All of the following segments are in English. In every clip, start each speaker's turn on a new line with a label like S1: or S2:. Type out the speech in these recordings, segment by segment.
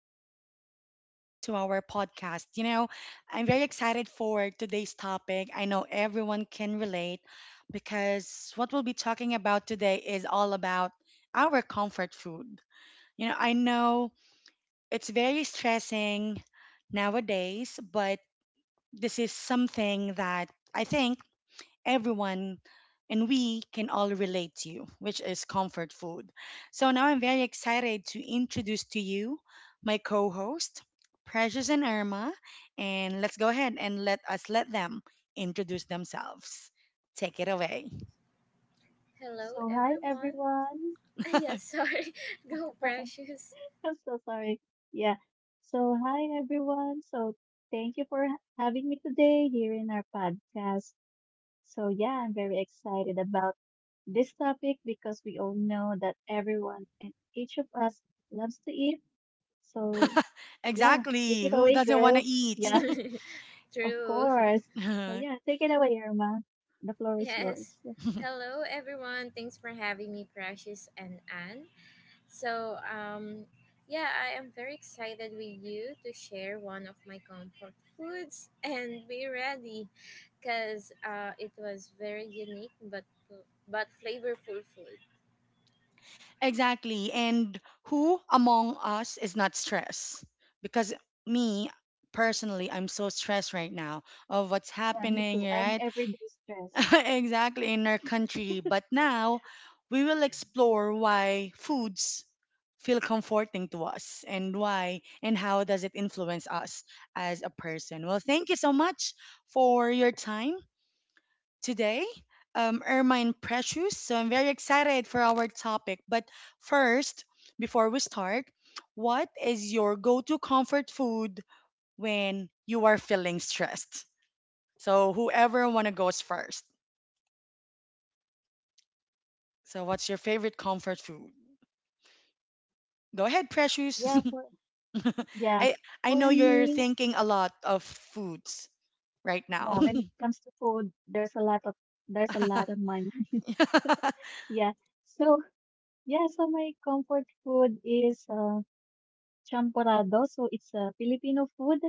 S1: and welcome back to our podcast. I'm very excited for today's topic. I know everyone can relate because what we'll be talking about today is all about our comfort food. I know it's very stressing nowadays, but this is something that I think everyone and we can all relate to, which is comfort food. So now I'm very excited to introduce to you my co-host, Precious and Irma, and let's go ahead and let them introduce themselves. Take it away.
S2: Hello,
S3: So hi
S2: everyone.
S3: everyone.
S2: Yes, sorry. Go, precious.
S3: I'm so sorry. Yeah. So hi everyone. So thank you for having me today here in our podcast. So yeah, I'm very excited about this topic because we all know that everyone and each of us loves to eat. So yeah, take
S1: Exactly.
S3: it
S1: Who
S3: away,
S1: doesn't want to
S3: girls.
S1: eat?
S3: Yeah, of
S2: True.
S3: course. So yeah, take it away, Irma. The floor is
S2: Yes.
S3: yours.
S2: Hello, everyone. Thanks for having me, Precious and Anne. So, yeah, I am very excited with you to share one of my comfort foods and be ready because it was very unique but flavorful food.
S1: Exactly. And who among us is not stressed? Because me personally, I'm so stressed right now of what's
S3: Yeah, me
S1: happening,
S3: too. I'm
S1: right?
S3: everyday stressed.
S1: Exactly, in our country. But now we will explore why foods feel comforting to us and why and how does it influence us as a person. Well, thank you so much for your time today, Ermine Precious. So I'm very excited for our topic. But first, before we start, what is your go to comfort food when you are feeling stressed? So whoever wanna goes first. So what's your favorite comfort food? Go ahead, Precious.
S3: Yeah, for Yeah,
S1: I I know
S3: for
S1: you're
S3: me,
S1: thinking a lot of foods right now.
S3: yeah, when it comes to food, there's a lot of there's a lot of mine. Yeah. So yeah, so my comfort food is champorado. So it's a Filipino food.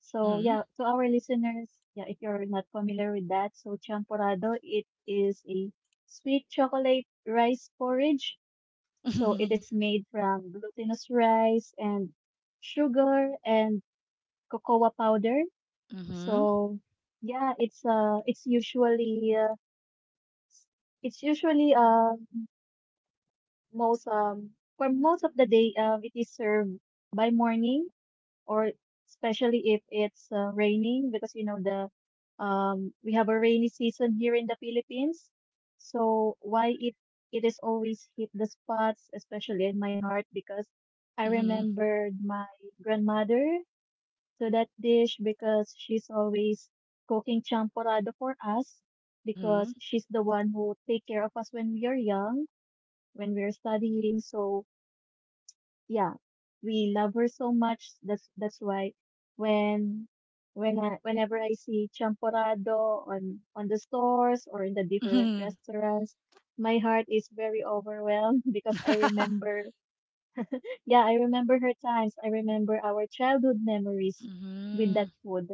S3: So
S1: Mhm.
S3: yeah, to our listeners, yeah, if you're not familiar with that, so champorado, it is a sweet chocolate rice porridge. So it is made from glutinous rice and sugar and cocoa powder.
S1: Mhm.
S3: So yeah, it's usually it's usually uh most for most of the day it is served by morning or especially if it's raining because you know the we have a rainy season here in the Philippines. So why it is always hit the spots especially in my heart because I
S1: Mhm.
S3: remembered my grandmother to that dish because she's always cooking champorado for us
S1: Mhm.
S3: because she's the one who take care of us when we are young, when we are studying. So yeah, we love her so much. That's why when whenever I see champorado on the stores or in the different
S1: Mhm.
S3: restaurants, my heart is very overwhelmed because I remember her times. I remember our childhood memories with that
S1: Mhm.
S3: food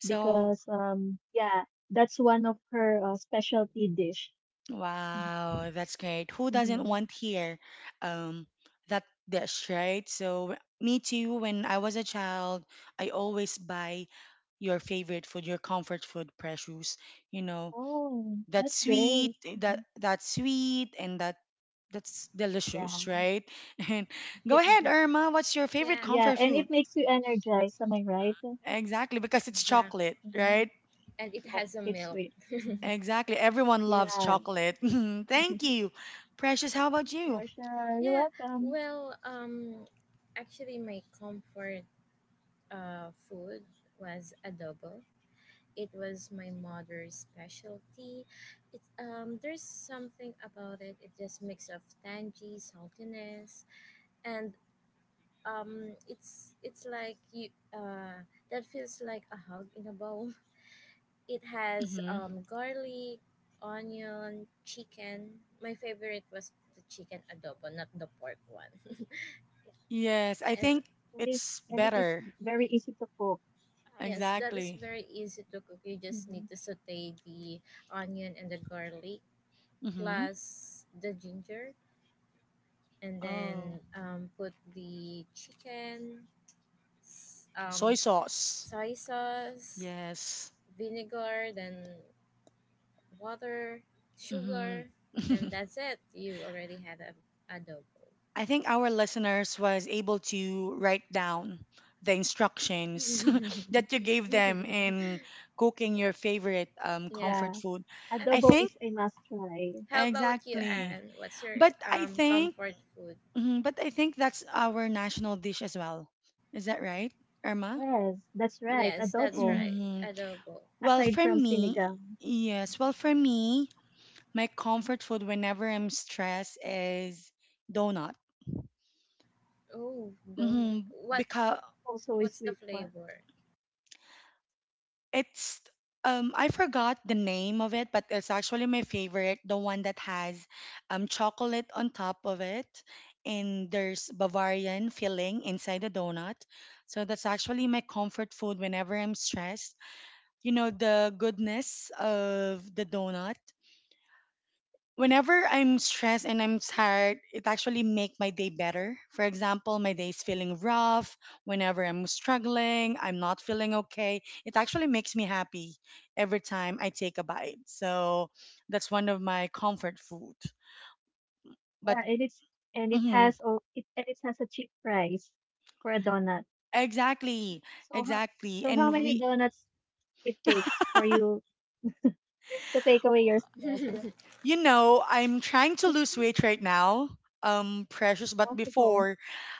S1: So,
S3: because yeah, that's one of her specialty dish.
S1: wow, that's great. Who doesn't
S3: Mm-hmm.
S1: want here um that dish, right? So, me too, when I was a child, I always buy your favorite food, your comfort food, Precious. You know,
S3: Oh,
S1: that
S3: that's
S1: sweet,
S3: great.
S1: that
S3: Mhm.
S1: that sweet and that's
S3: Yeah.
S1: delicious, right? And go
S3: It
S1: ahead, Irma, what's your favorite
S2: Yeah,
S3: yeah,
S1: comfort
S3: and it
S1: food?
S3: makes you energized, am I right?
S1: Exactly, because it's
S2: exact.
S1: chocolate,
S3: Mm-hmm.
S1: right?
S2: And it
S3: Yep,
S2: has a
S3: it's
S2: milk.
S3: sweet. Mhm.
S1: Exactly. Everyone loves
S3: Yeah,
S1: chocolate. Thank you. Precious, how about you?
S3: for sure. You're
S2: Yeah,
S3: welcome.
S2: well, actually, my comfort food was adobo. It was my mother's specialty. It There's something about it. It just mix of tangy saltiness, and it's like you uh, that feels like a hug in a bowl. It has
S1: Hmm.
S2: garlic, onion, chicken. My favorite was the chicken adobo, not the pork one.
S1: Yes, I
S2: And
S1: think
S3: And it,
S1: it's
S3: and it is
S1: better.
S3: very easy to cook.
S2: yes, that is
S1: Exactly.
S2: very easy to cook. You just
S3: Mm-hmm.
S2: need to saute the onion and the garlic,
S1: Hmm.
S2: plus the ginger, and
S1: Oh,
S2: then put the chicken, s-
S1: soy
S2: um,
S1: sauce.
S2: soy sauce,
S1: Yes.
S2: vinegar, then water,
S1: Hmm.
S2: sugar, and that's it. You already had a adobo.
S1: I think our listeners was able to write down the instructions that you gave them in cooking your favorite
S2: Yeah.
S3: Yeah.
S1: comfort food.
S2: And
S1: I
S3: Adobo is
S1: think
S3: a must try.
S2: how about you,
S3: Mhm.
S1: exactly.
S2: Anne? What's your
S1: But I think
S2: comfort food?
S1: but I think that's our national dish as well. Is that right, Irma?
S3: Yes, that's right.
S2: Yes, that's
S3: Adobo.
S2: right.
S1: Hmm.
S2: Adobo.
S1: Well,
S3: Aside
S1: for
S3: from
S1: me,
S3: sinigang,
S1: yes. Well, for me, my comfort food whenever I'm stressed is donut.
S2: Oh, donut. What
S1: Because
S3: also a
S2: what's the
S3: sweet one.
S2: flavor?
S1: it's I forgot the name of it, but it's actually my favorite, the one that has chocolate on top of it, and there's Bavarian filling inside the donut. So that's actually my comfort food whenever I'm stressed. The goodness of the donut. Whenever I'm stressed and I'm tired, it actually make my day better. For example, my day is feeling rough, whenever I'm struggling, I'm not feeling okay, it actually makes me happy every time I take a bite. So that's one of my comfort food.
S3: Yeah,
S1: But
S3: and it
S1: mhm,
S3: has oh it and it has a cheap price for a donut.
S1: exactly,
S3: So how
S1: exactly.
S3: so how
S1: And
S3: many
S1: we
S3: donuts it takes for you to take away your stress?
S1: I'm trying to lose weight right now. Precious, but
S3: Multiple.
S1: before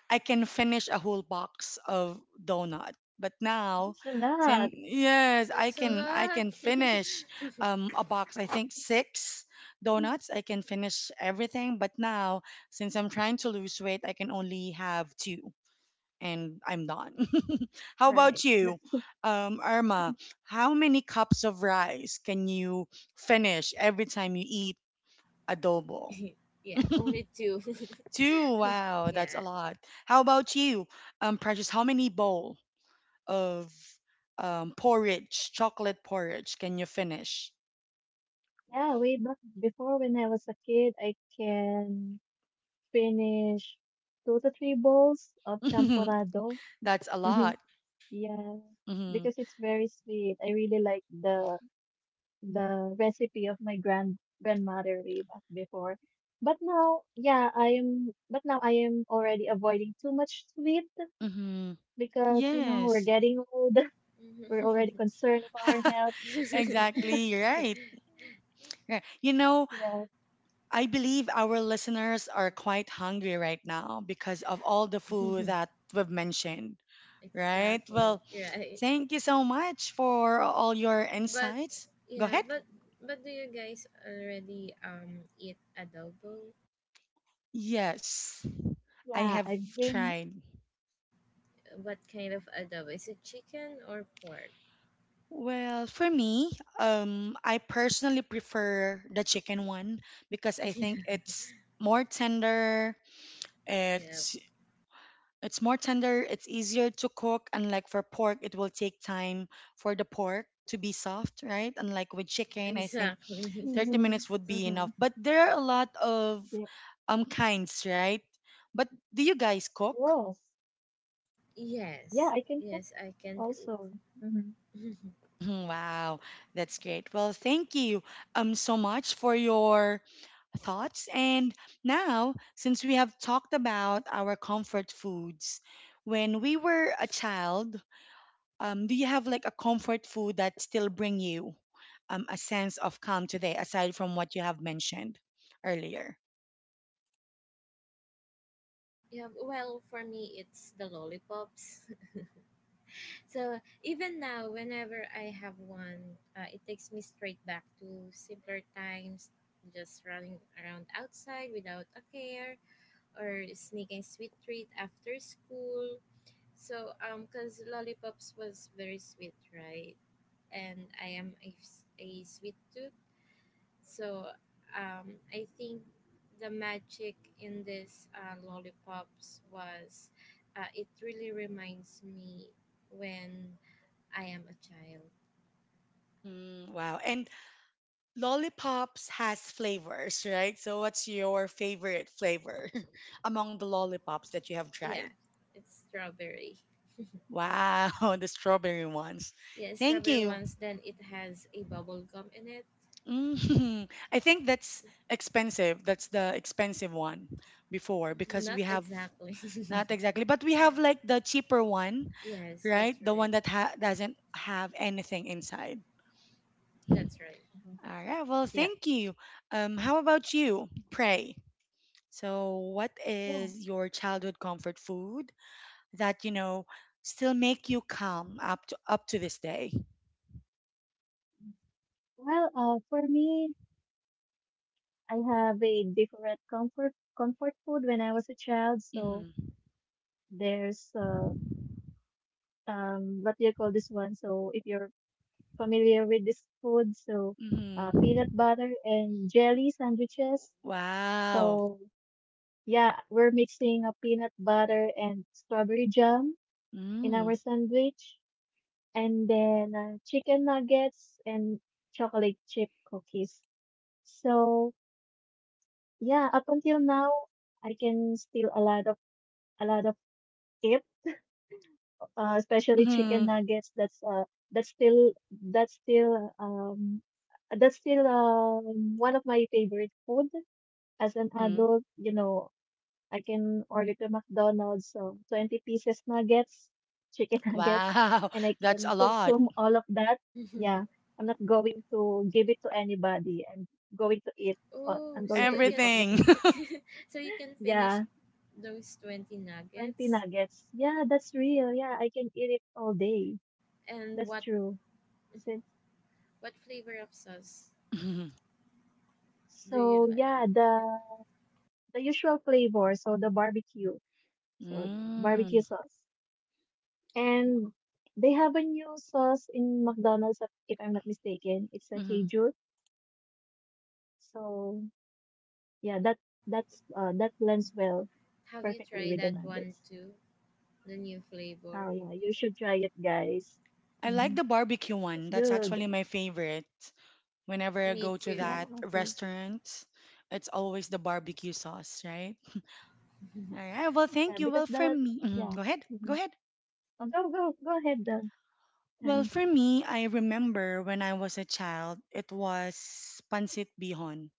S1: I can finish a whole box of donut. But now,
S3: It's a lot.
S1: since yes, I
S2: That's a
S3: Mhm.
S1: can I can
S2: lot.
S1: finish a box. I think six donuts. I can finish everything. But now, since I'm trying to lose weight, I can only have two, and I'm done. How
S3: All right.
S1: about you, Irma? How many cups of rice can you finish every time you eat? Adobo.
S2: Yeah, only two.
S1: Two. Wow,
S2: Yeah.
S1: that's a lot. How about you, Precious? How many bowl of porridge, chocolate porridge, can you finish?
S3: Yeah, way back before when I was a kid, I can finish two to three bowls of champorado.
S1: That's a lot.
S3: Yeah,
S1: Hmm.
S3: because it's very sweet. I really like the recipe of my grandmother way back before. But now, yeah, I am. But now I am already avoiding too much sweet
S1: Hmm.
S3: because you know we're
S1: Yes.
S3: getting old. We're
S2: Mhm.
S3: already concerned about our health.
S1: Exactly right. Yeah.
S3: Yes,
S1: I believe our listeners are quite hungry right now because of all the food that we've mentioned, right?
S2: Exactly.
S1: Well,
S2: Right.
S1: thank you so much for all your
S2: But
S1: insights. Go
S2: yeah,
S1: ahead.
S2: but do you guys already eat adobo?
S1: Yes, I
S3: yeah,
S1: have
S3: I've been.
S1: tried.
S2: What kind of adobo? Is it chicken or pork?
S1: Well, for me, I personally prefer the chicken one because I think it's more tender.
S2: Yeah,
S1: It's it's more tender. It's easier to cook. Unlike for pork, it will take time for the pork to be soft, right? Unlike with chicken, I think
S2: exactly.
S1: 30
S3: Mm-hmm,
S1: minutes would be
S3: mm-hmm.
S1: enough. But there are a lot of
S3: Yeah,
S1: kinds, right? But do you guys cook?
S3: yes, yeah,
S2: Yes.
S3: I can cook
S2: Yes, I can cook.
S3: also. Mm-hmm,
S1: Mhm. Wow, that's great. Well, thank you so much for your thoughts. And now, since we have talked about our comfort foods, when we were a child, do you have like a comfort food that still bring you a sense of calm today, aside from what you have mentioned earlier?
S2: Yeah, well, for me it's the lollipops. So even now, whenever I have one, it takes me straight back to simpler times, just running around outside without a care, or sneaking sweet treat after school. So cause lollipops was very sweet, right? And I am a sweet tooth, so I think the magic in this lollipops was, it really reminds me when I am a child.
S1: Hmm. Wow. And lollipops has flavors, right? So what's your favorite flavor among the lollipops that you have tried?
S2: Yeah, it's strawberry.
S1: Wow, the strawberry ones.
S2: Yeah,
S1: Thank
S2: strawberry
S1: you.
S2: ones. Then it has a bubble gum in it.
S1: Mm. I think that's
S2: S-
S1: expensive. That's the expensive one before because
S2: Not
S1: we have
S2: exactly.
S1: not exactly, but we have like the cheaper one,
S2: Yes,
S1: right?
S2: that's
S1: The one
S2: right.
S1: that ha doesn't have anything inside.
S2: That's right.
S3: mm-hmm.
S1: All right, well,
S3: Yeah,
S1: thank you. How about you? Pray. So, what
S3: yeah.
S1: is your childhood comfort food that, you know, still make you calm up to this day?
S3: Well, for me, I have a different comfort food when I was a child. So
S1: Mm-hmm.
S3: there's what do you call this one? So if you're familiar with this food, so peanut
S1: Mm-hmm.
S3: butter and jelly sandwiches. So
S1: Wow.
S3: yeah, we're mixing a peanut butter and strawberry jam in
S1: Mm.
S3: our sandwich, and then chicken nuggets and chocolate chip cookies. So yeah, up until now, I can steal a lot of tips especially chicken
S1: Mhm.
S3: nuggets. That's still that's still um, that's still one of my favorite food as an
S1: Mhm.
S3: adult. You know, I can order to McDonald's 20 pieces nuggets, chicken nuggets,
S1: Wow.
S3: and I
S1: That's
S3: can
S1: a lot.
S3: consume all of that. Yeah, I'm not going to give it to anybody. I'm going to eat.
S2: Oh,
S3: I'm going
S2: so
S3: to
S2: you
S3: eat
S2: can,
S3: all of
S1: Everything.
S3: that.
S2: so you can finish
S3: Yeah,
S2: those 20
S3: 20
S2: nuggets.
S3: nuggets. Yeah, that's real. Yeah, I can eat it all day.
S2: And
S3: That's
S2: what
S3: true. Since
S2: what flavor of sauce
S1: Mhm.
S2: do you
S3: So
S2: like?
S3: yeah,
S2: Yeah.
S3: the usual flavor, so the barbecue, so barbecue
S1: Mm.
S3: sauce, and they have a new sauce in McDonald's, if I'm not mistaken. It's a
S1: Mhm.
S3: Cheju. So yeah, that blends well
S2: Have you
S3: perfectly
S2: tried
S3: with the
S2: that one
S3: nuggets.
S2: too? The new flavor.
S3: Oh yeah, you should try it, guys.
S1: I like
S3: Mm,
S1: the barbecue one.
S3: it's
S1: That's actually
S3: good.
S1: my favorite. Whenever I
S2: Me
S1: go to
S3: Yeah,
S2: too.
S1: that
S3: okay.
S1: restaurant, it's always the barbecue sauce, right? All right. Well,
S3: Yeah,
S1: thank you. Well,
S3: because
S1: for
S3: that
S1: me. Mhm.
S3: yeah.
S1: Go ahead.
S3: Mm-hmm.
S1: Go ahead.
S3: Oh, go ahead, then.
S1: Well,
S3: And
S1: for me, I remember when I was a child, it was pancit bihon.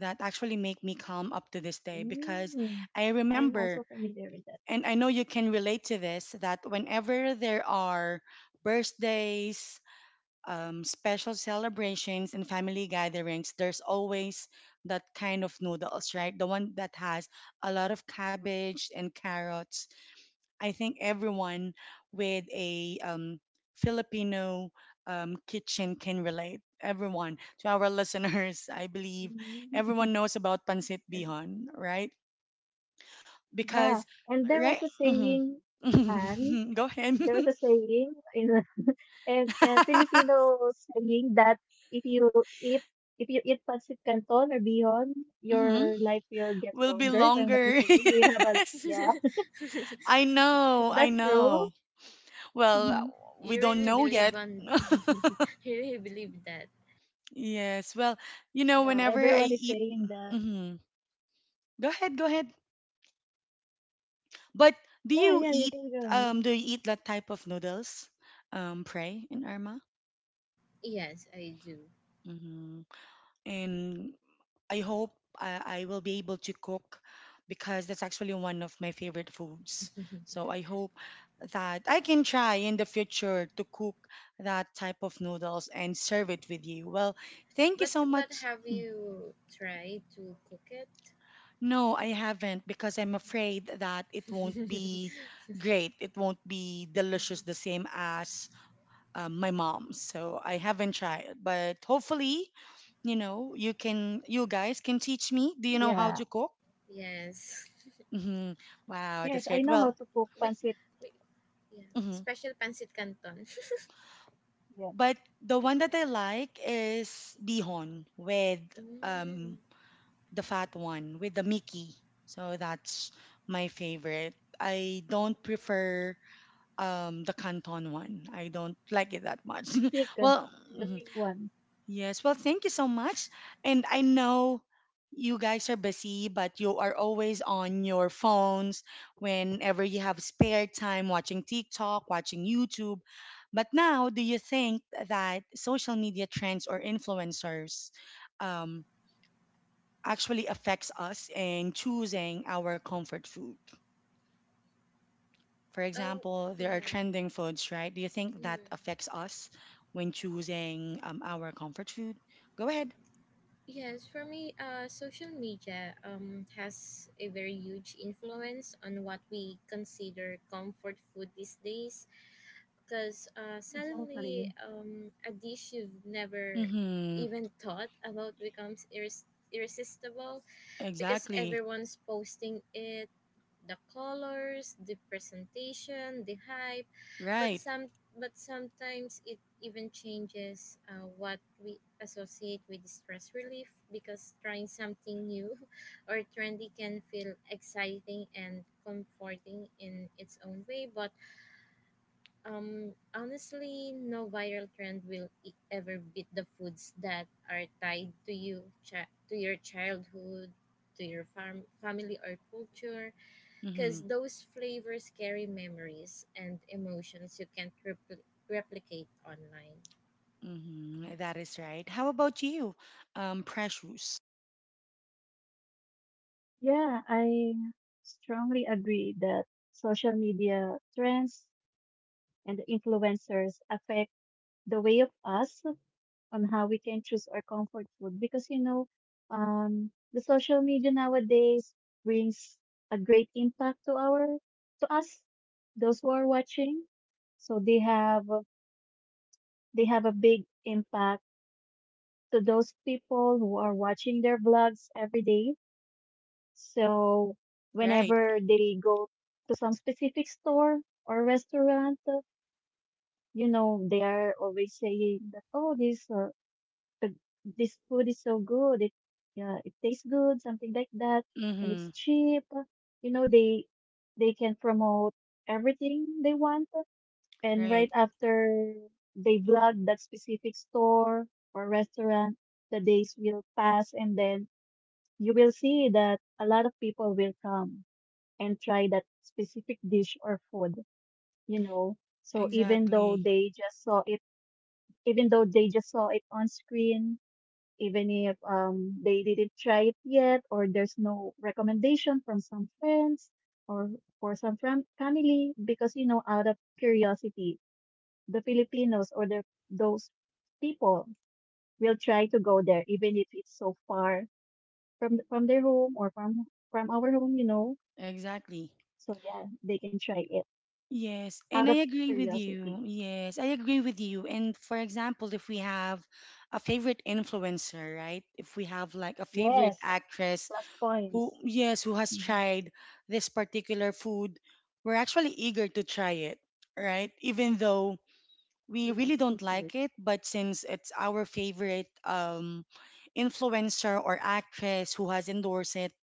S1: That actually make me calm up to this day because
S3: mm,
S1: I
S3: I'm
S1: remember
S3: also familiar with that.
S1: and I know you can relate to this that whenever there are birthdays, special celebrations, and family gatherings, there's always that kind of noodles, right? The one that has a lot of cabbage and carrots I think everyone with a Filipino kitchen can relate. Everyone, to our listeners, I believe
S3: Mm.
S1: everyone knows about pancit bihon, right?
S3: Yeah,
S1: Because,
S3: and there
S1: right?
S3: was a saying, and
S1: Mhm. Go ahead.
S3: there was a saying in and Filipino saying that if you eat if you eat pancit canton or beyond,
S1: hmm
S3: your life will get
S1: Will be
S3: longer. If I'm not
S1: longer.
S3: mistaken, you will have a
S1: Yes.
S3: yeah.
S1: I
S3: Is
S1: know. I
S3: that true?
S1: know. Well,
S3: Hmm.
S1: we
S2: You
S1: don't
S2: really
S1: know yet.
S2: believe on you really believe that.
S1: Yes. Well, you know,
S3: Yeah,
S1: whenever I
S3: everyone is
S1: eat.
S3: saying that.
S1: Mhm. Go ahead. Go ahead. But do
S3: Yeah,
S1: you
S3: yeah, you
S1: eat
S3: can go on.
S1: do you eat that type of noodles, pray in Irma?
S2: Yes, I do.
S1: Mm-hmm. And I hope I will be able to cook because that's actually one of my favorite foods. So I hope that I can try in the future to cook that type of noodles and serve it with you. Well, thank you
S2: But
S1: so
S2: but
S1: much.
S2: have you tried to cook it?
S1: No, I haven't because I'm afraid that it won't be great. It won't be delicious the same as my mom. So I haven't tried, but hopefully, you guys can teach me. Do you know how
S3: Yeah,
S1: to cook?
S2: Yes.
S1: Hmm. Wow, that's
S3: yes, I
S1: great.
S3: know how
S1: Well.
S3: to cook
S2: we,
S3: pancit.
S2: we yeah.
S1: Mhm.
S2: Special pancit canton.
S3: Yeah,
S1: But the
S3: that's
S1: one
S3: right.
S1: that I like is bihon with
S2: Mm.
S1: um the fat one with the Mickey. So that's my favorite. I don't
S2: Mm.
S1: prefer the Canton one. I don't like it that much.
S3: The thick, uh,
S1: Well,
S3: the
S1: mhm.
S3: thick
S2: Mm.
S3: one.
S1: Yes, well, thank you so much. And I know you guys are busy, but you are always on your phones whenever you have spare time watching TikTok, watching YouTube. But now, do you think that social media trends or influencers um, actually affects us in choosing our comfort food? For
S2: Oh,
S1: example, there are
S2: yeah.
S1: trending foods, right? Do you think that
S2: Mm.
S1: affects us when choosing our comfort food? Go ahead.
S2: Yes, for me, social media has a very huge influence on what we consider comfort food these days. Because suddenly,
S3: Exactly.
S2: a dish you've never
S1: Mm-hmm.
S2: even thought about becomes irresistible because
S1: Exactly.
S2: everyone's posting it, the colors, the presentation, the hype, but
S1: Right.
S2: some but sometimes it even changes what we associate with stress relief because trying something new or trendy can feel exciting and comforting in its own way, but honestly no viral trend will ever beat the foods that are tied to to your childhood, to your farm family or culture
S1: Mm-hmm.
S2: because those flavors carry memories and emotions you can't replicate online.
S1: Mm-hmm. That is right. How about you? Precious.
S3: Yeah, I strongly agree that social media trends and the influencers affect the way of us on how we can choose our comfort food because you know, the social media nowadays brings a great impact to us, those who are watching. So they have a big impact to those people who are watching their vlogs every day. So
S1: Right.
S3: whenever they go to some specific store or restaurant, you know, they are always saying that, oh, the- this food is so good. Yeah, it tastes good, something like that. And
S1: Mm-hmm.
S3: it's cheap. You know, they can promote everything they want. And right
S1: Right.
S3: after they vlog that specific store or restaurant, the days will pass and then you will see that a lot of people will come and try that specific dish or food, you know. So
S1: Exactly.
S3: even though they just saw it on screen, even if they didn't try it yet or there's no recommendation from some friends or for some family because you know out of curiosity, the Filipinos or the those people will try to go there even if it's so far from their home or from our home, you know.
S1: Exactly.
S3: So yeah, they can try it.
S1: Yes, and
S3: Out
S1: I
S3: of
S1: agree with you.
S3: curiosity.
S1: Yes, I agree with you. And for example, if we have a favorite influencer, right? If we have like a favorite
S3: Yes,
S1: actress
S3: plus
S1: who,
S3: points.
S1: yes, who has
S3: Mhm.
S1: tried this particular food, we're actually eager to try it, right? Even though we
S3: Yes,
S1: really don't
S3: that's right.
S1: like it, but since it's our favorite influencer or actress who has endorsed it,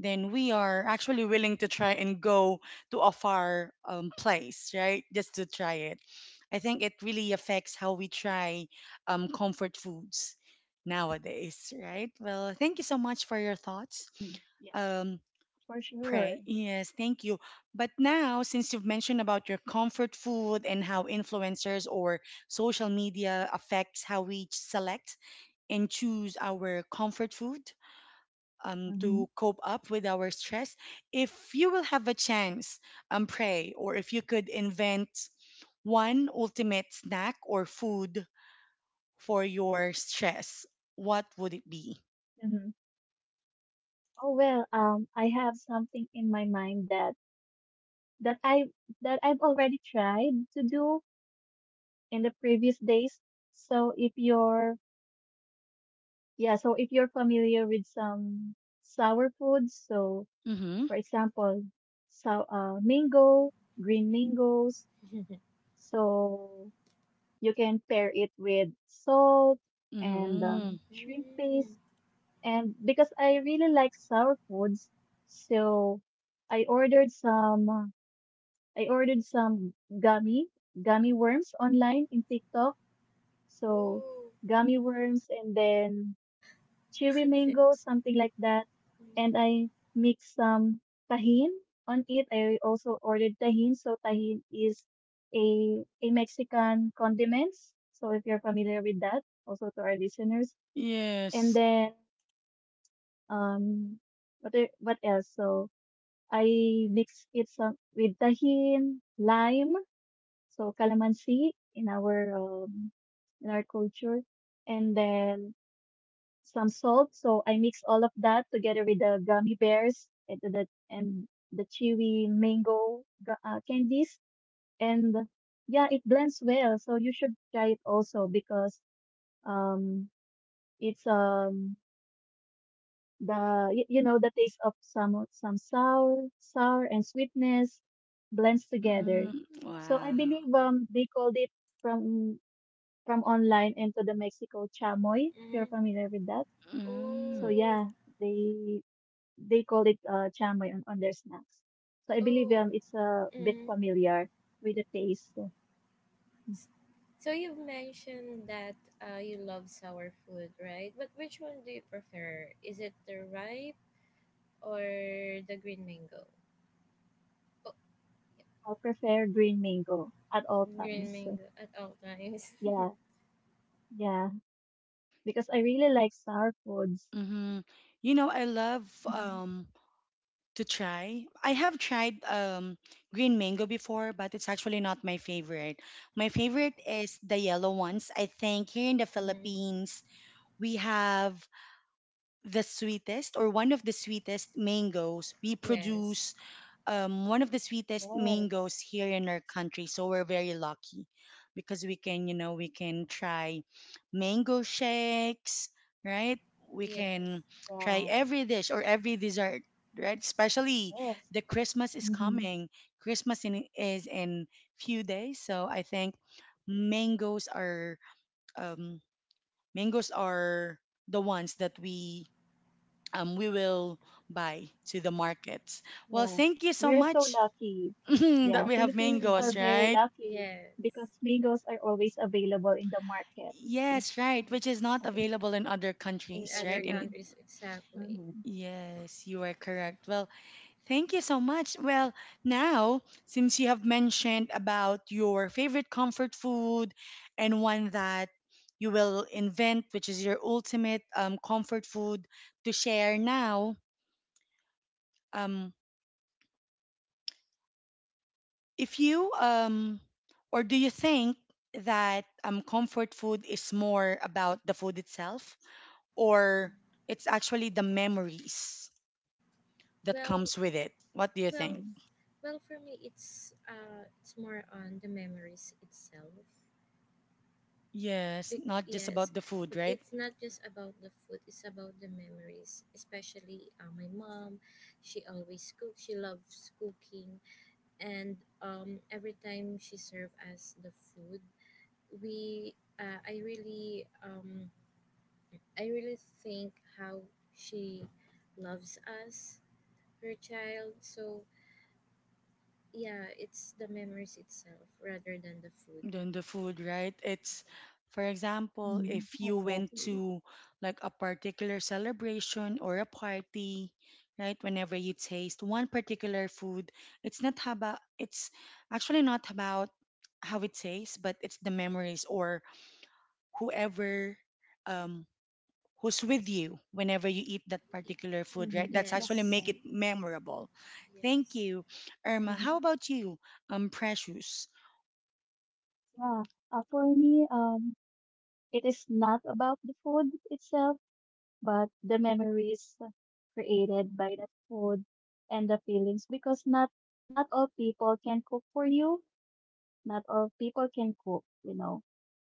S1: then we are actually willing to try and go to a far place, right? Just to try it. I think it really affects how we try comfort foods nowadays, right? Well, thank you so much for your thoughts.
S3: Hmm. Yeah,
S1: Um,
S3: for sure.
S1: Pray. Yes, thank you. But now, since you've mentioned about your comfort food and how influencers or social media affects how we select and choose our comfort food
S3: Hmm.
S1: to cope up with our stress, if you will have a chance, Pray, or if you could invent one ultimate snack or food for your stress, what would it be?
S3: Hmm. Oh well, I have something in my mind that I that I've already tried to do in the previous days. So if you're yeah, so if you're familiar with some sour foods, so
S1: Mm-hmm.
S3: for example, so mango, green mangoes, so you can pair it with salt and
S1: Mm-hmm.
S3: shrimp
S2: Mm.
S3: paste. And because I really like sour foods, so I ordered some. I ordered some gummy gummy worms online in TikTok. So
S2: Oh.
S3: gummy worms, and then cherry
S2: Okay.
S3: mango, something like that.
S2: Mm.
S3: And I mixed some tahin on it. I also ordered tahin. So tahin is a Mexican condiments. So if you're familiar with that, also to our listeners. And
S1: Yes.
S3: then um what e- what else? so I mix it some with tahin, lime, so calamansi in our culture. And then some salt. So I mix all of that together with the gummy bears and the chewy mango candies, and yeah, it blends well. So you should try it also because um it's the you know the taste of some sour and sweetness blends together.
S1: Mm,
S3: So I
S1: wow.
S3: believe they called it from from online into the Mexico chamoy. If you're
S2: Mm.
S3: familiar with that, so
S1: Mm,
S2: Oh.
S3: yeah, they they call it chamoy on their snacks. So I believe
S2: Oh.
S3: it's a bit
S2: Mm.
S3: familiar with the taste.
S2: So you've mentioned that you love sour food, right? But which one do you prefer? Is it the ripe or the green mango? Oh,
S3: I prefer green mango at all
S2: green
S3: times.
S2: mango at all times.
S3: Yeah, yeah, because I really like sour foods.
S1: mm-hmm. I love
S3: Mhm.
S1: um to try. I have tried green mango before, but it's actually not my favorite. My favorite is the yellow ones. I think here in the
S2: Hmm.
S1: Philippines, we have the sweetest or one of the sweetest mangoes. We
S2: Yes.
S1: produce one of the sweetest mangoes
S3: Yes,
S1: here in our country. So we're very lucky because we can try mango shakes, right? We
S2: Yes.
S1: can try
S3: yeah,
S1: every dish or every dessert, right? Especially
S3: yes,
S1: the Christmas is
S3: hmm
S1: coming. Christmas is in few days, so I think mangoes are um, mangoes are the ones that we will buy to the markets. Well,
S3: yeah.
S1: thank you so
S3: We're so
S1: much
S3: lucky.
S1: that we
S3: Yeah,
S1: have
S3: Filipinos
S1: mangoes,
S3: are very
S1: right?
S3: lucky
S2: Yes.
S3: because mangoes are always available in the markets.
S1: Yes, right, which is not
S2: Yes,
S3: Um,
S1: available in other
S2: in
S1: countries, right?
S2: other
S3: Exactly.
S1: And
S2: countries, exactly.
S3: Mm-hmm.
S1: yes, you are correct. Well, thank you so much. Well, now, since you have mentioned about your favorite comfort food and one that you will invent, which is your ultimate comfort food to share now, um, if you or do you think that comfort food is more about the food itself or it's actually the memories that
S2: well
S1: comes with it. What do you
S2: well
S1: think?
S3: Mm-hmm.
S2: well, for me, it's more on the memories itself.
S1: Yes,
S2: Bec
S1: not just
S2: Yes,
S1: about the food, right?
S2: it's not just about the food, it's about the memories, especially my mom, she always cooks, she loves cooking, and every time she served us the food, we I really I really think how she loves us, her child. So yeah, it's the memories itself rather than the food.
S1: Then the food, right? It's, for example,
S3: Mm-hmm,
S1: if you went
S3: exactly.
S1: to like a particular celebration or a party, right? Whenever you taste one particular food, it's not about, it's actually not about how it tastes, but it's the memories or whoever, um, who's with you whenever you eat that
S2: Y-
S1: particular food, right?
S3: Hmm.
S1: That's
S3: That's
S1: actually
S2: Yes,
S1: make
S3: right.
S1: it memorable. Thank
S2: yes.
S1: you, Irma.
S3: Hmm.
S1: How about you, Precious?
S3: Yeah. For me, it is not about the food itself, but the memories created by that food and the feelings. Because not all people can cook for you. Not all people can cook, you know.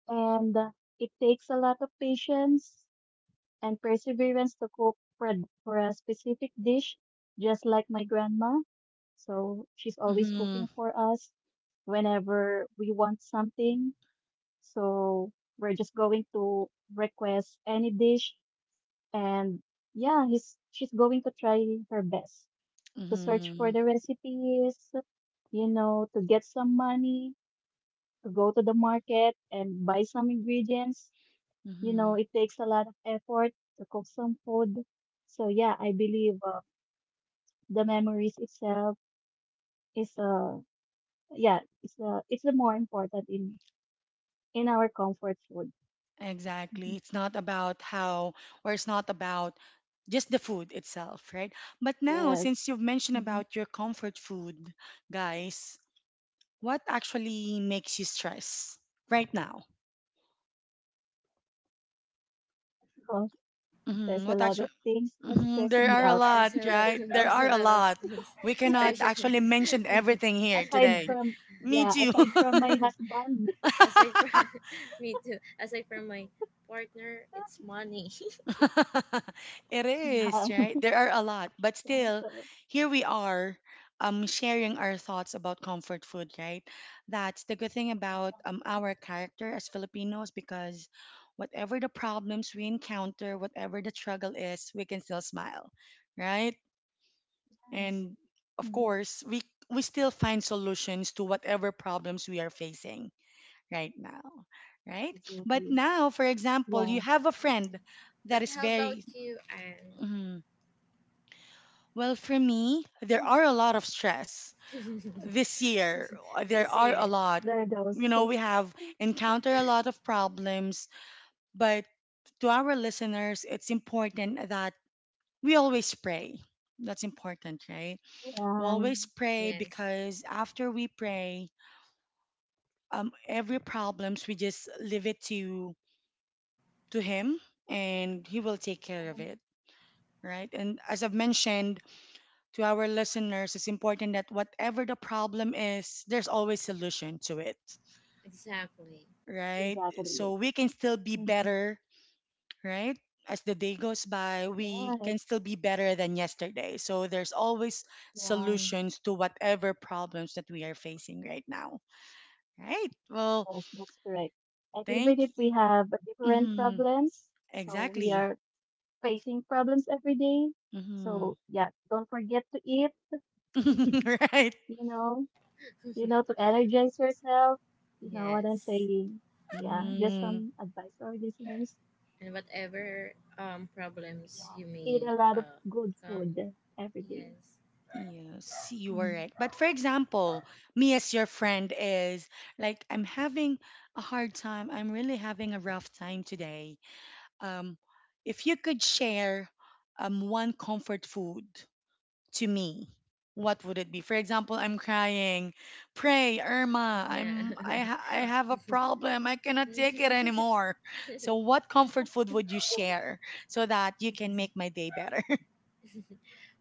S3: And it takes a lot of patience and perseverance to cook for a specific dish, just like my grandma. So she's always
S1: Mm-hmm.
S3: cooking for us whenever we want something. So we're just going to request any dish and she's going to try her best to search for
S1: Mm-hmm.
S3: the recipes, you know, to get some money, to go to the market and buy some ingredients. You know,
S1: Mm-hmm.
S3: it takes a lot of effort to cook some food. So yeah, I believe the memories itself is it's the more important in our comfort food.
S1: Exactly.
S3: Mhm.
S1: It's not about how, or it's not about just the food itself, right? But now,
S3: Yes.
S1: since you've mentioned
S3: Mm-hmm.
S1: about your comfort food, guys, what actually makes you stress right now?
S3: Oh,
S1: Mm-hmm.
S3: there's a
S1: What
S3: lot
S1: actually?
S3: of things that's
S1: Hmm. There
S3: stressing me
S1: are a
S3: out.
S1: lot,
S2: There's a lot.
S1: right? There
S2: There's
S1: are
S2: a
S1: a
S2: lot of
S1: lot.
S2: things,
S1: We cannot
S2: especially.
S1: actually mention everything here
S2: Yeah.
S3: aside
S1: today.
S3: from
S1: Me
S3: yeah,
S1: too.
S3: aside from my husband.
S2: Aside from me too. Aside from my partner, it's money.
S1: It
S3: Yeah.
S1: is, right? There are a lot. But
S3: Yeah,
S1: still,
S3: so
S1: here we are sharing our thoughts about comfort food, right? That's the good thing about
S3: exactly.
S1: our character as Filipinos because whatever the problems we encounter, whatever the struggle is, we can still smile, right?
S3: Yes.
S1: And of
S3: Mhm.
S1: course we still find solutions to whatever problems we are facing right now, right? But
S3: Exactly.
S1: now, for example, you
S3: Yeah.
S1: have a friend that
S2: But
S1: is
S2: how about
S1: very—
S2: you, Anne?
S1: mhm. Well, for me, there
S3: Yeah.
S1: are a lot of stress this year. Uh, there
S2: This
S1: are a
S2: year,
S1: lot.
S3: There are
S1: You
S3: those.
S1: know,
S3: Yeah.
S1: we have encountered a lot of problems, but to our listeners, it's important that we always pray. That's important, right? We
S3: Mhm.
S1: always pray,
S2: yes,
S1: because after we pray, every problems we just leave it to him, and he will take care of it, right? And as I've mentioned to our listeners, it's important that whatever the problem is, there's always solution to it,
S2: exactly,
S1: right? So
S3: Exactly.
S1: we can still be
S3: Mm-hmm.
S1: better, right? As the day goes by, we
S3: Yeah.
S1: can still be better than yesterday, so there's always
S3: Yeah.
S1: solutions to whatever problems that we are facing right now, right? Well,
S3: Yes, that's correct. And
S1: thank—
S3: even if we have a different
S1: hmm,
S3: problems, so we
S1: exactly.
S3: are facing problems every day.
S1: Mhm.
S3: So yeah, don't forget to eat,
S1: Right?
S3: you know, you know, to energize yourself. You know what I'm
S2: yes.
S3: saying? Yeah, just
S1: Mm,
S3: some advice to our listeners.
S2: And
S3: Yeah,
S2: whatever problems
S3: yeah.
S2: you
S3: Eat
S2: may
S3: a lot of good
S2: come.
S3: food every day.
S2: Yes.
S1: yes, you are
S3: Mhm.
S1: right. But for example, me as your friend is like, I'm having a hard time. I'm really having a rough time today. Um, if you could share one comfort food to me, what would it be? For example, I'm crying. Pray, Irma.
S2: Yeah.
S1: I have a problem. I cannot take it anymore. So, what comfort food would you share so that you can make my day better?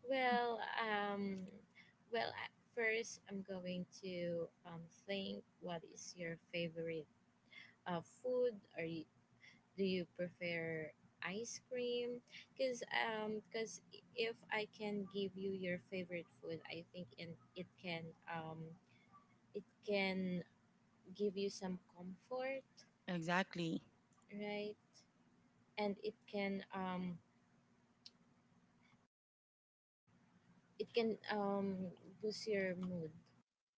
S2: Well, well, at first I'm going to think what is your favorite food, or do you prefer ice cream? Because cause if I can give you your favorite food, I think, and um, it can give you some comfort,
S1: Exactly.
S2: right? And it can it can um, boost your mood.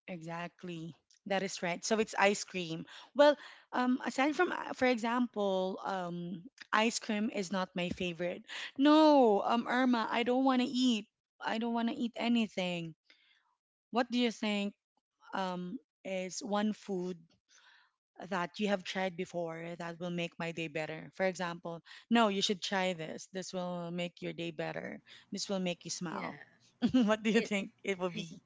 S1: Exactly. That is right. So it's ice cream. Well, aside from, for example, ice cream is not my favorite. No, Irma, I don't want to eat. I don't want to eat anything. What do you think, is one food that you have tried before that will make my day better? For example, no, you should try this. This will make your day better. This will make you
S2: Yeah,
S1: smile. What do you
S2: it
S1: think it will be?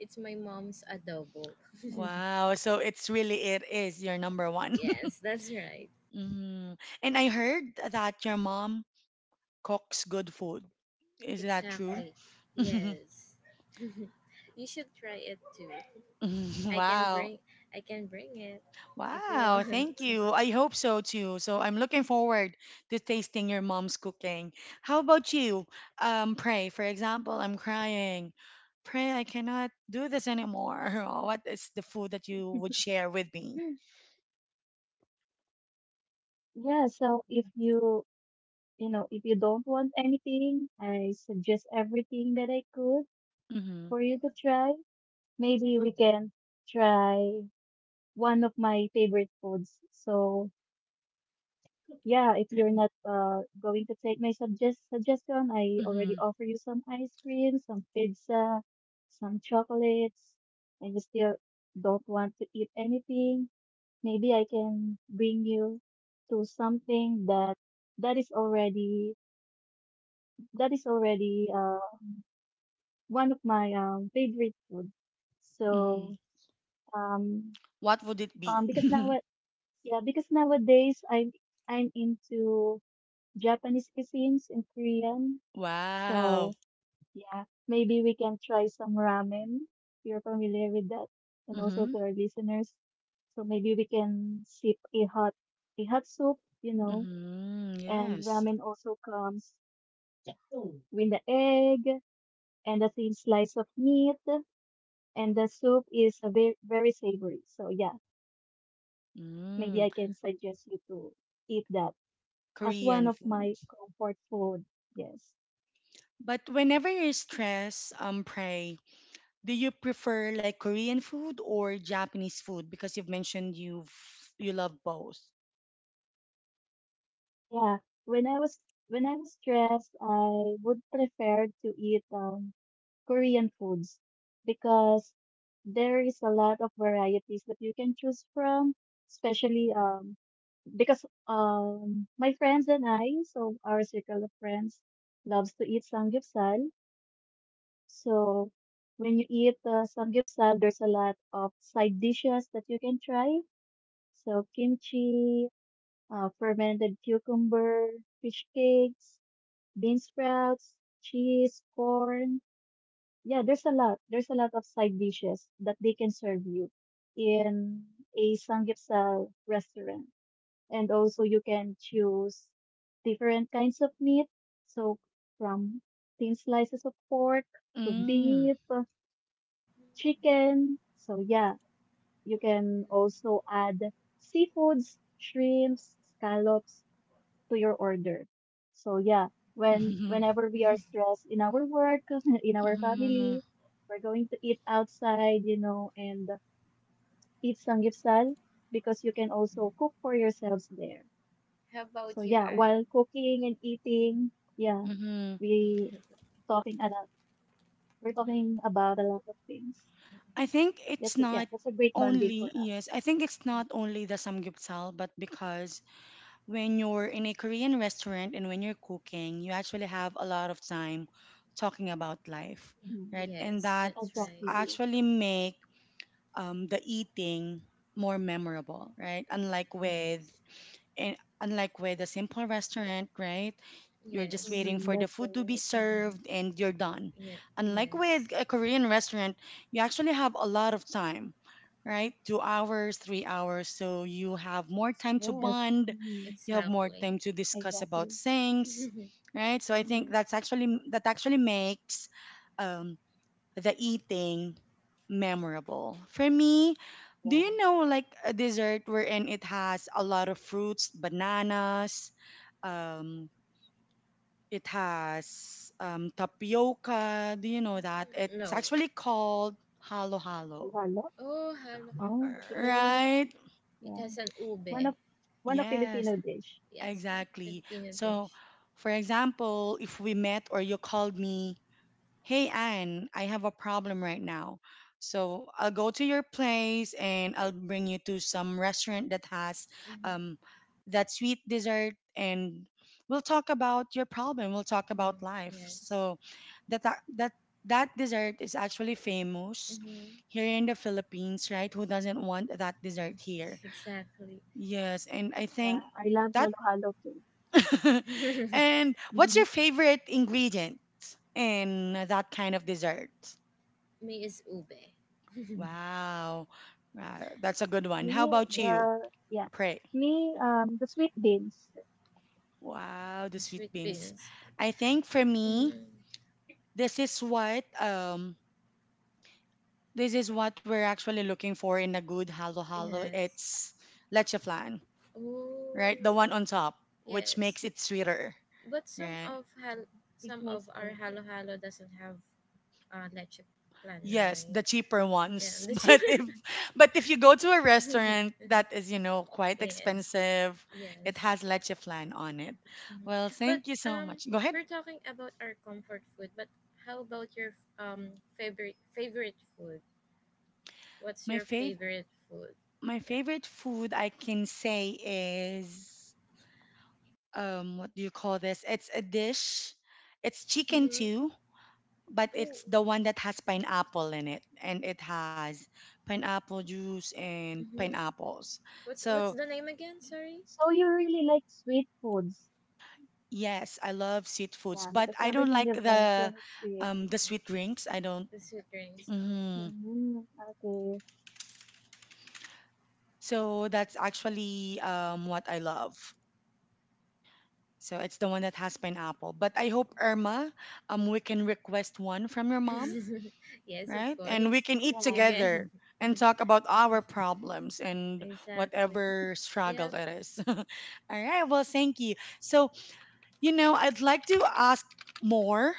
S2: it's my mom's adobo.
S1: Wow. So it's really it is your number one.
S2: Yes, that's right.
S1: Mhm. And I heard that your mom cooks good food. Is that true?
S2: Exactly. Yes. You should try it too. I can
S1: Wow.
S2: bring I can bring it if you
S1: Wow,
S2: want.
S1: thank you. I hope so too. So I'm looking forward to tasting your mom's cooking. How about you? Pray, for example, I'm crying. Pray, I cannot do this anymore. Oh, what is the food that you would share with me?
S3: Hmm. Yeah, so if you, if you don't want anything, I suggest everything that I could
S1: Mm-hmm.
S3: for you to try. Maybe we can try one of my favorite foods. So yeah, if you're not going to take my suggestion, I already
S1: Mm-hmm.
S3: offer you some ice cream, some pizza, some chocolates, and you still don't want to eat anything. Maybe I can bring you to something that that is already that is already one of my favorite foods.
S1: Mm-hmm.
S3: So um,
S1: What would it be?
S3: because now Yeah, because nowadays I'm into Japanese cuisines and Korean.
S1: Wow.
S3: So yeah, maybe we can try some ramen. You're familiar with that, and also
S1: Mm-hmm.
S3: to our listeners. So maybe we can sip a hot soup, you know,
S1: Mm-hmm.
S3: and
S1: Yes.
S3: ramen also comes Mm. with the egg and the thin slice of meat, and the soup is a very savory. So yeah,
S1: Mm.
S3: maybe I can suggest you to eat that as one
S1: Korean
S3: of
S1: food.
S3: my comfort food. Yes.
S1: But whenever you're stressed, pray, do you prefer like Korean food or Japanese food? Because you've mentioned you love both.
S3: Yeah. When I was when I was stressed, I would prefer to eat Korean foods because there is a lot of varieties that you can choose from, especially because my friends and I, so our circle of friends loves to eat samgyeopsal. So when you eat samgyeopsal, there's a lot of side dishes that you can try. So kimchi, fermented cucumber, fish cakes, bean sprouts, cheese, corn. Yeah, there's a lot. There's a lot of side dishes that they can serve you in a Samgyeopsal restaurant. And also you can choose different kinds of meat. So from thin slices of pork to
S1: Mm.
S3: beef, chicken. So yeah, you can also add seafoods, shrimps, scallops, to your order. So yeah,
S1: Mm-hmm.
S3: whenever we are stressed in our work, in our
S1: Mm-hmm.
S3: family, we're going to eat outside, you know, and eat samgyeopsal because you can also cook for yourselves there.
S2: How
S3: So
S2: about you,
S3: yeah, while
S2: Anne?
S3: cooking and eating, yeah,
S1: Mm-hmm.
S3: we talking a lot. We're talking about a lot of things.
S1: I think it's
S3: That's it. Yeah,
S1: not
S3: that's a great bonding
S1: only
S3: for
S1: yes,
S3: us.
S1: I think it's not only the samgyeopsal, but because when you're in a Korean restaurant and when you're cooking, you actually have a lot of time talking about life,
S3: Mhm.
S1: right? And
S2: Yes,
S1: that
S2: that's right.
S3: Exactly.
S1: actually make the eating more memorable, right? Unlike with—
S2: Yes.
S1: and unlike with a simple restaurant, right? You're just
S2: Yes.
S1: waiting
S3: Hmm.
S1: for the
S3: That's
S1: food to be
S3: right.
S1: served and you're done.
S2: Yeah,
S1: Unlike with
S2: yes.
S1: a Korean restaurant, you actually have a lot of time, right? 2 hours, 3 hours. So you have more time to
S3: Yes.
S1: bond,
S3: Hmm.
S1: you have more
S2: Exactly.
S1: time to discuss about
S3: Exactly.
S1: things,
S2: Hmm.
S1: right? So I
S2: Yeah.
S1: think that's actually that actually makes um, the eating memorable. For me, do you know like a dessert wherein it has a lot of fruits, bananas, um, it has tapioca. Do you know that?
S2: Mm,
S1: It's
S2: no.
S1: actually called halo halo,
S3: Hello.
S2: Oh, hello,
S3: Oh,
S2: hello.
S3: okay.
S2: Okay.
S1: right?
S2: It
S3: Yeah.
S2: has an
S3: One
S2: ube.
S3: of one of
S1: Yes,
S3: Filipino dish.
S2: Yes,
S3: So,
S1: exactly.
S2: Filipino
S1: So,
S2: dish.
S1: for example, if we met or you called me, hey, Anne, I have a problem right now. So I'll go to your place and I'll bring you to some restaurant that has
S2: Mhm.
S1: um, that sweet dessert and we'll talk about your problem. We'll talk about
S2: Mhm.
S1: life.
S2: Yes.
S1: So that that that, that dessert is actually famous
S2: Mhm.
S1: here in the Philippines, right? Who doesn't want that dessert here?
S2: Exactly.
S1: Yes, and I think
S3: yeah, I love
S1: that
S3: halo-halo too.
S1: and what's your
S3: Hmm.
S1: favorite ingredient in that kind of dessert?
S2: Me is ube.
S1: Wow. That's a good one. How
S3: Me,
S1: about you?
S2: Yes.
S3: the yeah,
S1: Pray.
S3: me the sweet beans.
S1: Wow, the
S2: The
S1: sweet
S2: sweet
S1: beans.
S2: beans.
S1: I think for me,
S2: Mhm.
S1: this is what we're actually looking for in a good halo halo.
S2: Yes.
S1: It's leche flan,
S2: Oh.
S1: right? The one on top, which
S2: Yes.
S1: makes it sweeter,
S2: But some
S1: right?
S2: of
S3: It
S2: some
S3: makes
S2: of our
S3: perfect.
S2: halo halo doesn't have leche plan,
S1: Yes,
S2: right?
S1: the cheaper
S2: Yeah.
S1: ones. But if but if you go to a restaurant that is, you know, quite
S2: Yes.
S1: expensive,
S2: Yes.
S1: it has leche flan on it.
S2: Hmm.
S1: Well,
S2: But
S1: thank you so
S2: um,
S1: much. Go ahead.
S2: we're talking about our comfort food. But how about your um favorite food? What's
S1: My
S2: your
S1: favorite.
S2: favorite food?
S1: My
S2: Yeah.
S1: favorite food I can say is what do you call this? It's a dish. It's chicken
S2: Mm-hmm.
S1: too, but
S2: Oh.
S1: it's the one that has pineapple in it and it has pineapple juice and
S2: Mm-hmm.
S1: pineapples.
S2: What's
S1: So,
S2: the name again? Sorry.
S3: So you really like sweet foods,
S1: yes, I love sweet foods,
S3: yeah?
S1: but
S3: Because
S1: I don't
S2: Mm,
S3: everything
S1: like
S3: you've mentioned is sweet.
S1: the sweet drinks. I don't—
S2: the sweet drinks. Oh.
S1: mhm.
S3: Mm-hmm. Okay.
S1: So that's actually what I love. So it's the one that has pineapple. But I hope, Irma, we can request one from your mom,
S2: Yes, of
S1: right? And we
S2: course.
S1: can eat
S2: You
S3: Yeah.
S2: can.
S1: together and talk about our problems and
S2: Exactly.
S1: whatever
S2: Yeah.
S1: struggle it is. All right. Well, thank you. So, you know, I'd like to ask more.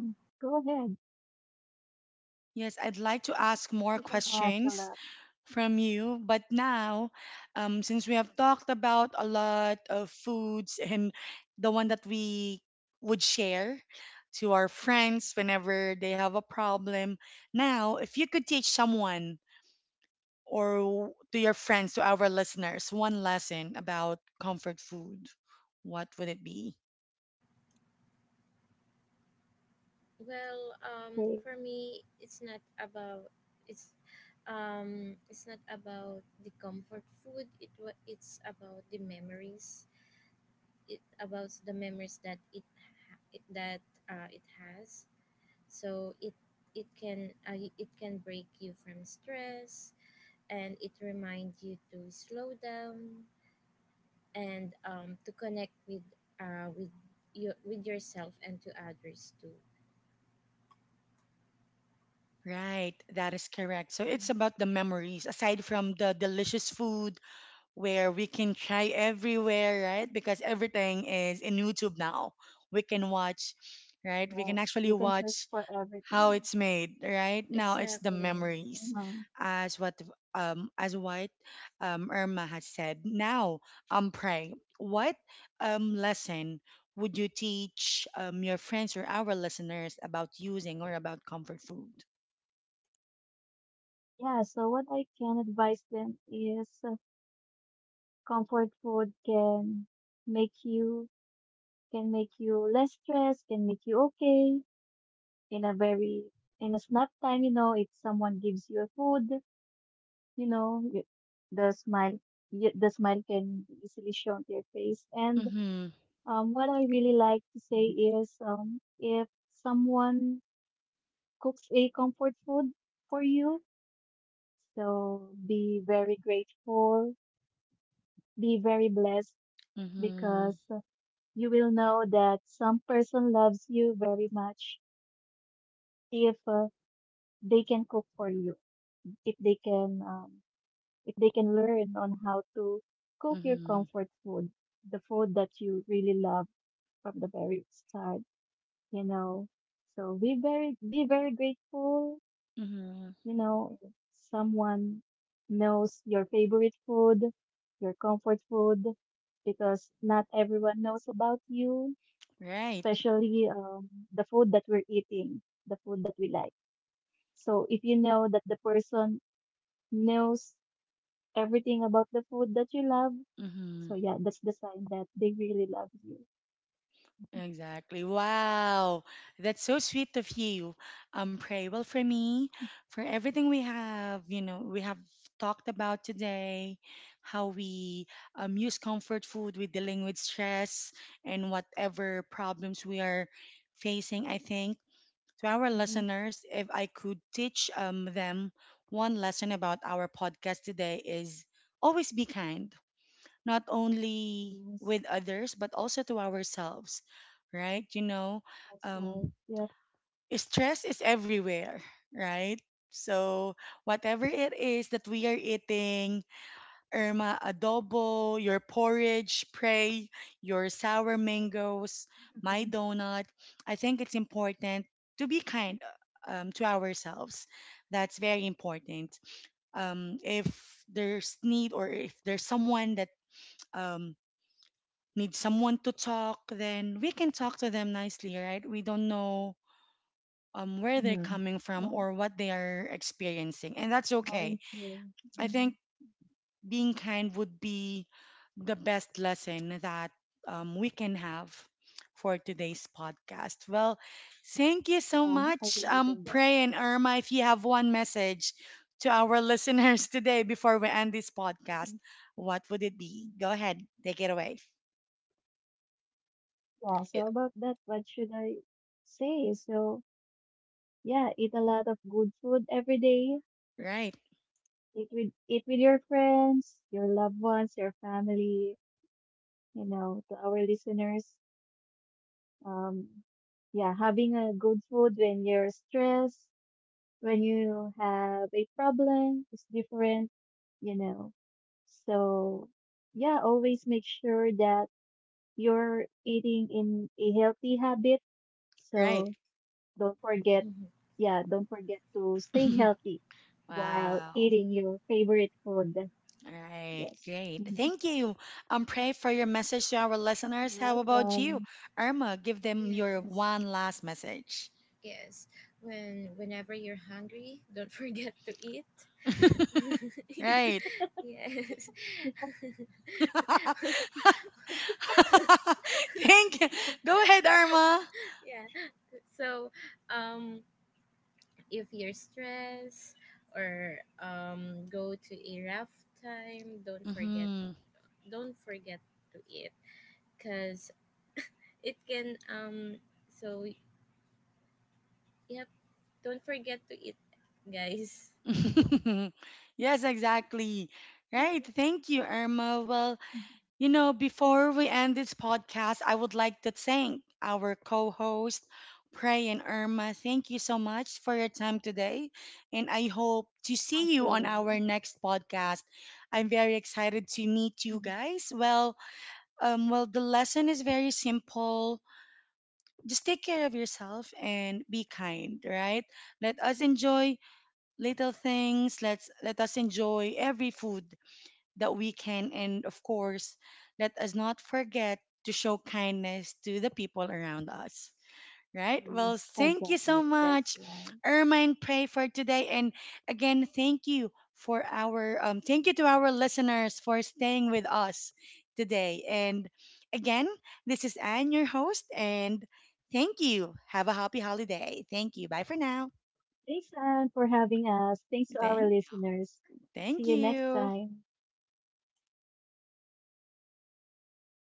S3: Go ahead.
S1: Yes, I'd like to ask more
S3: You can ask a
S1: questions
S3: lot.
S1: from you. But now, since we have talked about a lot of foods and the one that we would share to our friends whenever they have a problem, now, if you could teach someone or to your friends, to our listeners, one lesson about comfort food, what would it be?
S2: Well,
S3: Okay.
S2: for me, it's it's not about the comfort food. It's about the memories. It about the memories that it that it has. So it can break you from stress, and it reminds you to slow down and to connect with uh, with your, with yourself, and to others too.
S1: Right, that is correct. So
S3: Mhm.
S1: it's about the memories. Aside from the delicious food, where we can try everywhere, right? Because everything is in YouTube now. We can watch, right? We can
S3: Yes,
S1: actually
S3: you can search
S1: watch
S3: for
S1: how
S3: everything.
S1: it's made, right? Now it's the
S2: Exactly.
S1: memories,
S3: Hmm.
S1: as what um as what Irma has said. Now, pray. What lesson would you teach your friends or our listeners about using or about comfort food?
S3: Yeah, so what I can advise them is comfort food make you can make you less stressed, can make you okay in a very in a snap time, you know, if someone gives you a food, you know, y- the smile the smile can be easily shown to your face. And
S1: Mm-hmm.
S3: what I really like to say is if someone cooks a comfort food for you, so be very grateful, be very blessed because
S1: Mm-hmm.
S3: you will know that some person loves you very much if they can cook for you, if they can um, if they can learn on how to cook your
S1: Mm-hmm.
S3: comfort food, the food that you really love from the very start, you know. So be very grateful,
S1: Mm-hmm.
S3: you know, if someone knows your favorite food, your comfort food, because not everyone knows about you
S1: Right.
S3: especially the food that we're eating, the food that we like. So if you know that the person knows everything about the food that you love,
S1: Mm-hmm.
S3: so yeah, that's the sign that they really love you.
S1: Exactly. Wow. That's so sweet of you. Pray. Well, for me, for everything we have, you know, we have talked about today, how we use comfort food with dealing with stress and whatever problems we are facing, I think. To our
S3: Mm-hmm.
S1: listeners, if I could teach them one lesson about our podcast today is always be kind, not only
S3: Yes,
S1: with others but also to ourselves, right? You know,
S3: that's right.
S1: um
S3: Yeah.
S1: stress is everywhere, right? So whatever it is that we are eating, Irma, adobo, your porridge, pray, your sour mangoes, my
S3: Mm-hmm.
S1: donut, I think it's important to be kind to ourselves. That's very important. If there's need, or if there's someone that um, need someone to talk, then we can talk to them nicely, right? We don't know where they're
S3: Mm-hmm.
S1: coming from
S3: Yeah,
S1: or what they are experiencing, and that's
S3: knowing
S1: okay.
S3: true.
S1: I think
S3: Hmm.
S1: being kind would be the best lesson that we can have for today's podcast. Well, thank you so
S3: Yeah, I
S1: much,
S3: believe in that.
S1: Pray and Irma. If you have one message to our listeners today before we end this
S3: Mhm.
S1: podcast, what would it be? Go ahead, take it away.
S3: Yeah,
S1: It—
S3: so about that, what should I say? So, yeah, eat a lot of good food every day.
S1: right,
S3: Eat with your friends, your loved ones, your family. You know, to our listeners, um, yeah, having a good food when you're stressed, when you have a problem, is different. You know, so yeah, always make sure that you're eating in a healthy habit.
S1: right.
S3: So don't forget, yeah, don't forget to stay healthy while
S2: Yes.
S1: Wow.
S3: eating your favorite food.
S1: All right.
S3: Yes.
S1: Great.
S3: Mm-hmm.
S1: Thank you. Pray for your message to our listeners.
S3: You're
S1: How about you,
S3: welcome.
S1: Irma? Give them your
S2: Yes.
S1: one last message.
S2: Yes. Whenever you're hungry, don't forget to eat.
S1: Right.
S2: Yes.
S3: We
S1: Thank you. Go ahead, Irma.
S2: Yeah. So, um, if you're stressed or go to a rough time,
S1: Hmm.
S2: don't forget to eat because it can So yep, don't forget to eat, guys.
S1: Yes, exactly. Right. Thank you, Irma. Well, you know, before we end this podcast, I would like to thank our co host, Pray and Irma. Thank you so much for your time today. And I hope to
S3: for
S1: see you on
S3: sure.
S1: our next podcast. I'm very excited to meet you guys. Well, well, the lesson is very simple. Just take care of yourself and be kind, right? Let us enjoy little things. Let us enjoy every food that we can. And of course, let us not forget to show kindness to the people around us. Right?
S3: Mhm.
S1: Well, thank you so
S3: Exactly. That's
S1: much,
S3: right.
S1: Irma and Pray, for today. And again, thank you for our thank you to our listeners for staying with us today. And again, this is Anne, your host, and thank you. Have a happy holiday. Thank you. Bye for now.
S3: Thanks, Anne, for having us. Thanks to
S1: Thank
S3: our listeners.
S1: thank
S3: See you next
S1: you.
S3: time.